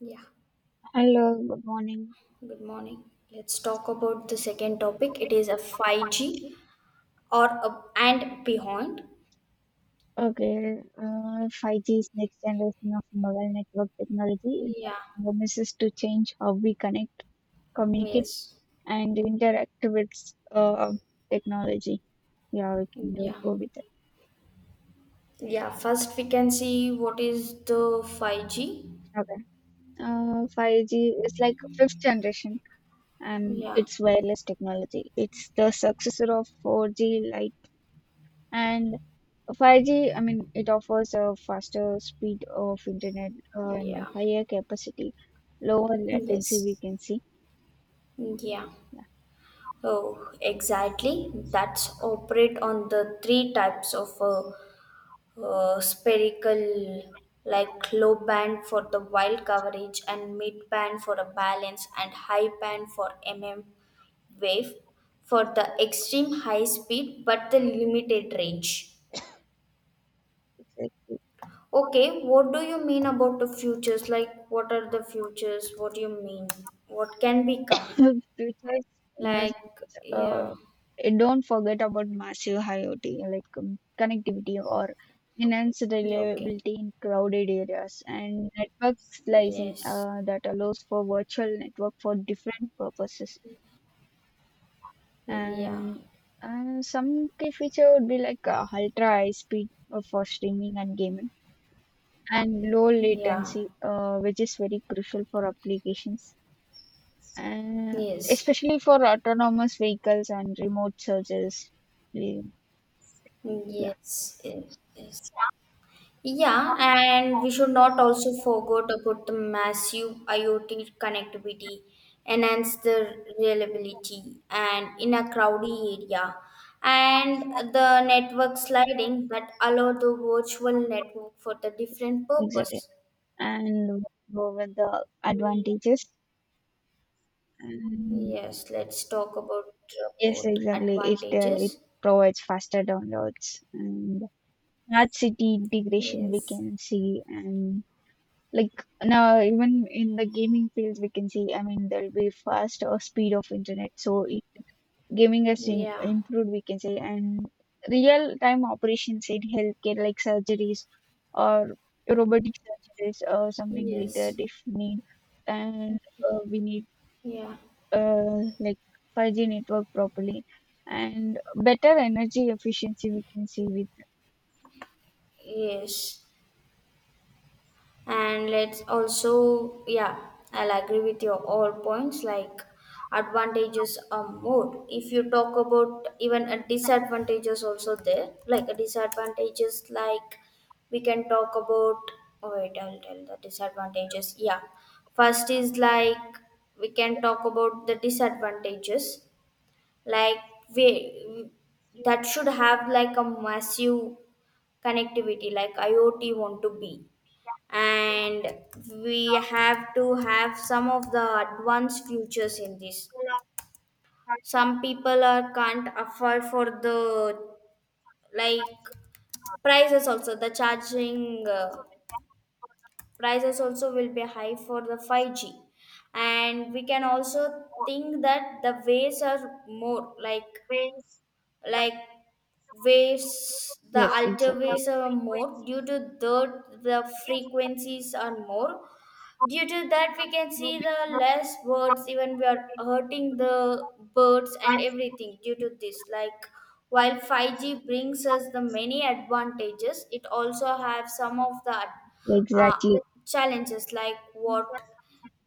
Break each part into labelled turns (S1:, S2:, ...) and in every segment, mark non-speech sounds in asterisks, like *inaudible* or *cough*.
S1: Yeah,
S2: Hello, good morning.
S1: good morning. Let's talk about the second topic. It is a 5G or and beyond.
S2: Okay, 5G is next generation of mobile network technology. It
S1: Yeah,
S2: promises to change how we connect, communicate,
S1: yes.
S2: and interact with uh, technology. Yeah, we can do,
S1: Yeah.
S2: go with it.
S1: Yeah, first we can see what is the 5G.
S2: Okay. 5G is like fifth generation, and
S1: Yeah.
S2: it's wireless technology. It's the successor of 4G. And 5G, I mean, it offers a faster speed of internet and a
S1: Yeah.
S2: higher capacity, lower latency, we
S1: Yes.
S2: can see.
S1: Yeah.
S2: Yeah,
S1: Oh, exactly. That's operate on the three types of spherical, like low band for the wild coverage and mid band for a balance and high band for mm wave, for the extreme high speed but the limited range.
S2: exactly.
S1: Okay, what do you mean about the futures, like what are the futures, what do you mean, what can become,
S2: *laughs* Features, in the
S1: like,
S2: sense,
S1: yeah?
S2: uh, and don't forget about massive IoT, like connectivity or enhanced
S1: Yeah, okay.
S2: reliability in crowded areas, and network slicing
S1: Yes.
S2: that allows for virtual network for different purposes.
S1: Yeah.
S2: and and some key feature would be like ultra high speed for streaming and gaming, and low
S1: Yeah.
S2: latency which is very crucial for applications, and
S1: Yes.
S2: especially for autonomous vehicles and remote searches. Yeah. Yeah,
S1: Yes. Yes. Yes. Yeah, and we should not also forget about the massive IoT connectivity, enhance the reliability, and in a crowded area, and the network sliding that allow the virtual network for the different
S2: exactly.
S1: purpose.
S2: And go with the advantages. And
S1: Yes, let's talk about
S2: yes,
S1: about
S2: exactly, it
S1: advantages.
S2: provides faster downloads and smart city integration, we
S1: Yes.
S2: can see. And like now, even in the gaming fields, we can see, I mean, there'll be faster speed of internet. So it, gaming has im
S1: Yeah.
S2: improved, we can say, and real-time operations in healthcare, like surgeries or robotic surgeries or something like that,
S1: Yes.
S2: if need. And we need
S1: Yeah.
S2: like 5G network properly, and better energy efficiency, we can see with,
S1: Yes. And let's also, yeah, I'll agree with your all points, like advantages are more. If you talk about even a disadvantages, also there, like a disadvantages, like, we can talk about. Oh wait, I'll tell the disadvantages. Yeah, first is like, we can talk about the disadvantages. Like, we, that should have like a massive connectivity, like IoT want to be. And we have to have some of the advanced features in this. Some people are can't afford for the, like, prices also, the charging, prices also will be high for the 5G. And we can also think that the ways are more, like waves, the
S2: yes,
S1: alter
S2: exactly.
S1: waves are more due to that the frequencies are more. Due to that, we can see the less birds, even we are hurting the birds and everything due to this. Like, while 5G brings us the many advantages, it also have some of the uh,
S2: Exactly.
S1: challenges, like what,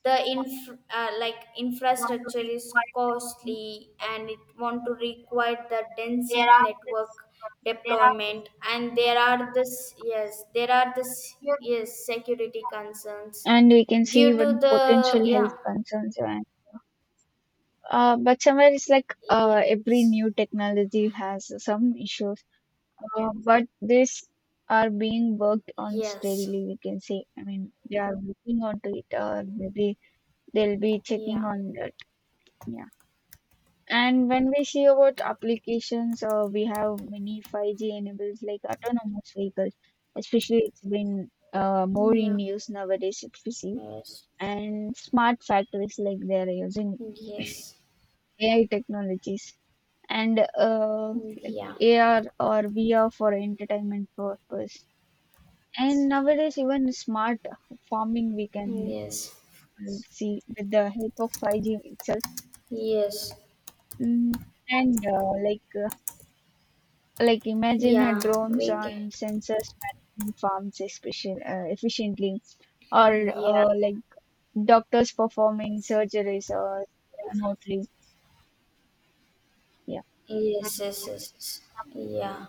S1: the like infrastructure is costly, and it want to require the density network deployment. And there are this, yes, there are this, yes, security concerns
S2: And we can see
S1: due to
S2: even
S1: the.
S2: potential health
S1: Yeah,
S2: concerns. And But somewhere it's like every
S1: yes,
S2: new technology has some issues. But these are being worked on
S1: yes,
S2: steadily, we can say. I mean, they are working onto it, or maybe they'll be checking
S1: yeah,
S2: on that. Yeah. And when we see about applications, we have many 5G enables, like autonomous vehicles, especially it's been more
S1: yeah,
S2: in use nowadays, if we see.
S1: yes,
S2: And smart factories, like they are using
S1: yes,
S2: AI technologies, and like
S1: yeah,
S2: AR or VR for entertainment purpose. And nowadays, even smart farming we can
S1: yes,
S2: see with the help of 5G itself.
S1: yes,
S2: Mm. And like Imagine
S1: yeah,
S2: drones
S1: we
S2: and sensors managing farms, especially efficiently, or
S1: can, yeah.
S2: like doctors performing surgeries or remotely. Yeah,
S1: Yes, yes, yes, yes. Yeah.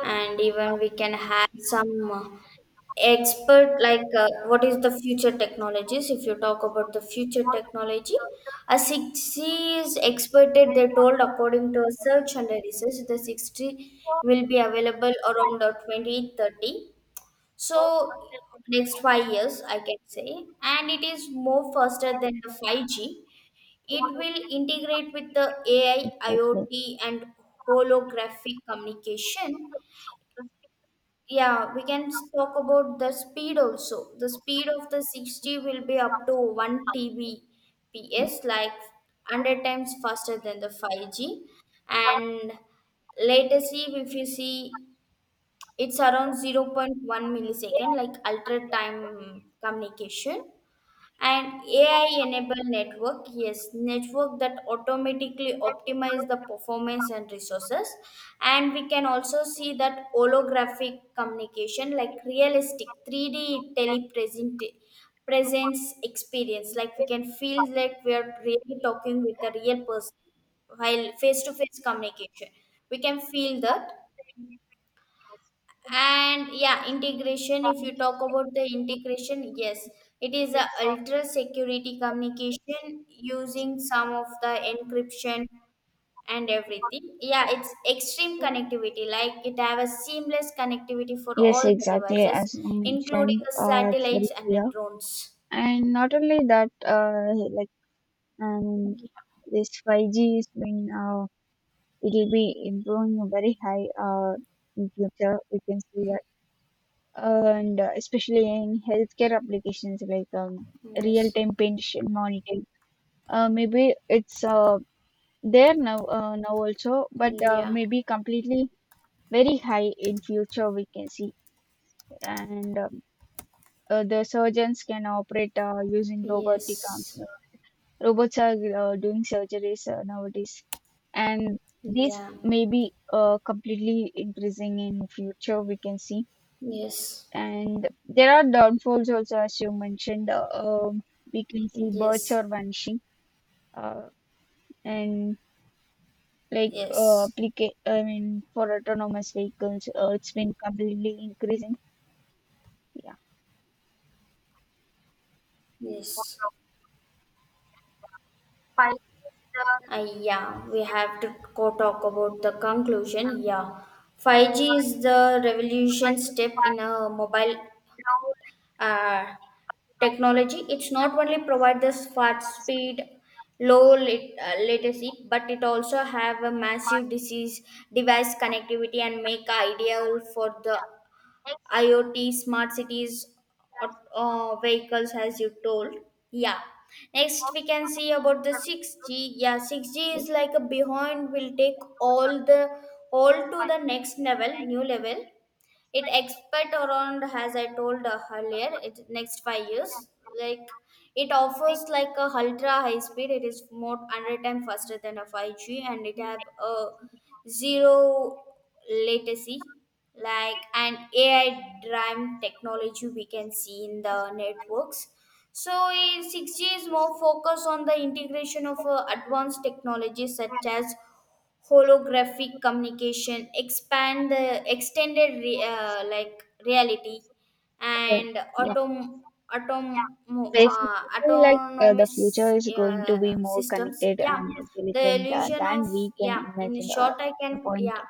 S1: And even we can have some expert, like, what is the future technologies? If you talk about the future technology, a 60 is expected, they told, according to a search and a research, the 60 will be available around 2030. So next 5 years, I can say. And it is more faster than the 5G. It will integrate with the AI,
S2: exactly.
S1: IoT, and holographic communication. Yeah, we can talk about the speed also. The speed of the 60 will be up to 1 TBps, like 100 times faster than the 5G. And latency, if you see, it's around zero point 0.1 millisecond, like ultra time communication and AI enable network, yes, network that automatically optimize the performance and resources. And we can also see that holographic communication, like realistic 3D telepresent presence experience, like we can feel that we are really talking with a real person while face to face communication. We can feel that. And yeah, integration, if you talk about the integration, yes, it is a ultra security communication using some of the encryption and everything. Yeah, it's extreme connectivity, like it have a seamless connectivity for
S2: Yes,
S1: all the
S2: exactly.
S1: devices,
S2: As you
S1: including
S2: mentioned,
S1: the
S2: it's very
S1: satellites and the
S2: clear.
S1: drones.
S2: And not only that, um, this 5G is been, it'll be improving very high, in future. We can see that. And especially in healthcare applications like,
S1: Yes.
S2: real-time patient monitoring. Maybe it's there now, now also, but,
S1: Yeah,
S2: maybe completely very high in future, we can see. And the surgeons can operate using robotic arms.
S1: yes,
S2: Robots are doing surgeries nowadays, and this
S1: yeah,
S2: may be completely increasing in future, we can see.
S1: yes,
S2: And there are downfalls also, as you mentioned. We can see birds
S1: yes,
S2: are vanishing, uh, and
S1: yes,
S2: I mean, for autonomous vehicles, it's been completely increasing. Yeah.
S1: yes. Yeah, we have to talk about the conclusion. Yeah, 5G is the revolution step in a mobile uh, technology. It's not only provide this fast speed, low latency, but it also have a massive disease device connectivity, and make ideal for the IoT, smart cities, vehicles, as you told. Yeah. Next, we can see about the 6G. Yeah, 6G is
S2: it-
S1: like a behind, will take all to the next level, new level. It expect around, as I told earlier, it next 5 years. Like, it offers like a ultra high speed, it is more 100 times faster than a 5G, and it have a zero latency, like an AI driven technology we can see in the networks. So 6G is more focused on the integration of advanced technologies such as holographic communication, expand the extended like reality,
S2: uh,
S1: and
S2: yeah.
S1: atom atom
S2: Basically, like the
S1: autonomous
S2: future is going to be more
S1: systems.
S2: connected
S1: Yeah,
S2: and
S1: the
S2: intelligent
S1: illusion
S2: than
S1: of,
S2: we can
S1: yeah, in
S2: imagine.
S1: short I
S2: The
S1: can,
S2: point
S1: yeah,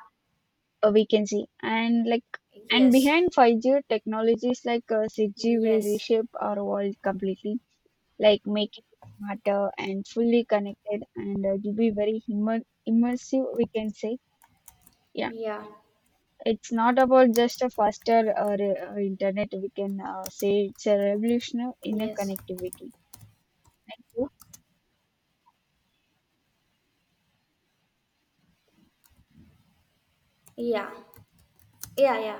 S2: we can see, and
S1: yes,
S2: behind 5G technologies like 6G will
S1: yes,
S2: reshape our world completely, like making it smarter and fully connected, and to be very immersive, we can say. Yeah,
S1: yeah,
S2: it's not about just a faster internet. We can say it's a revolution in a
S1: yes,
S2: connectivity.
S1: yeah, yeah. Yeah.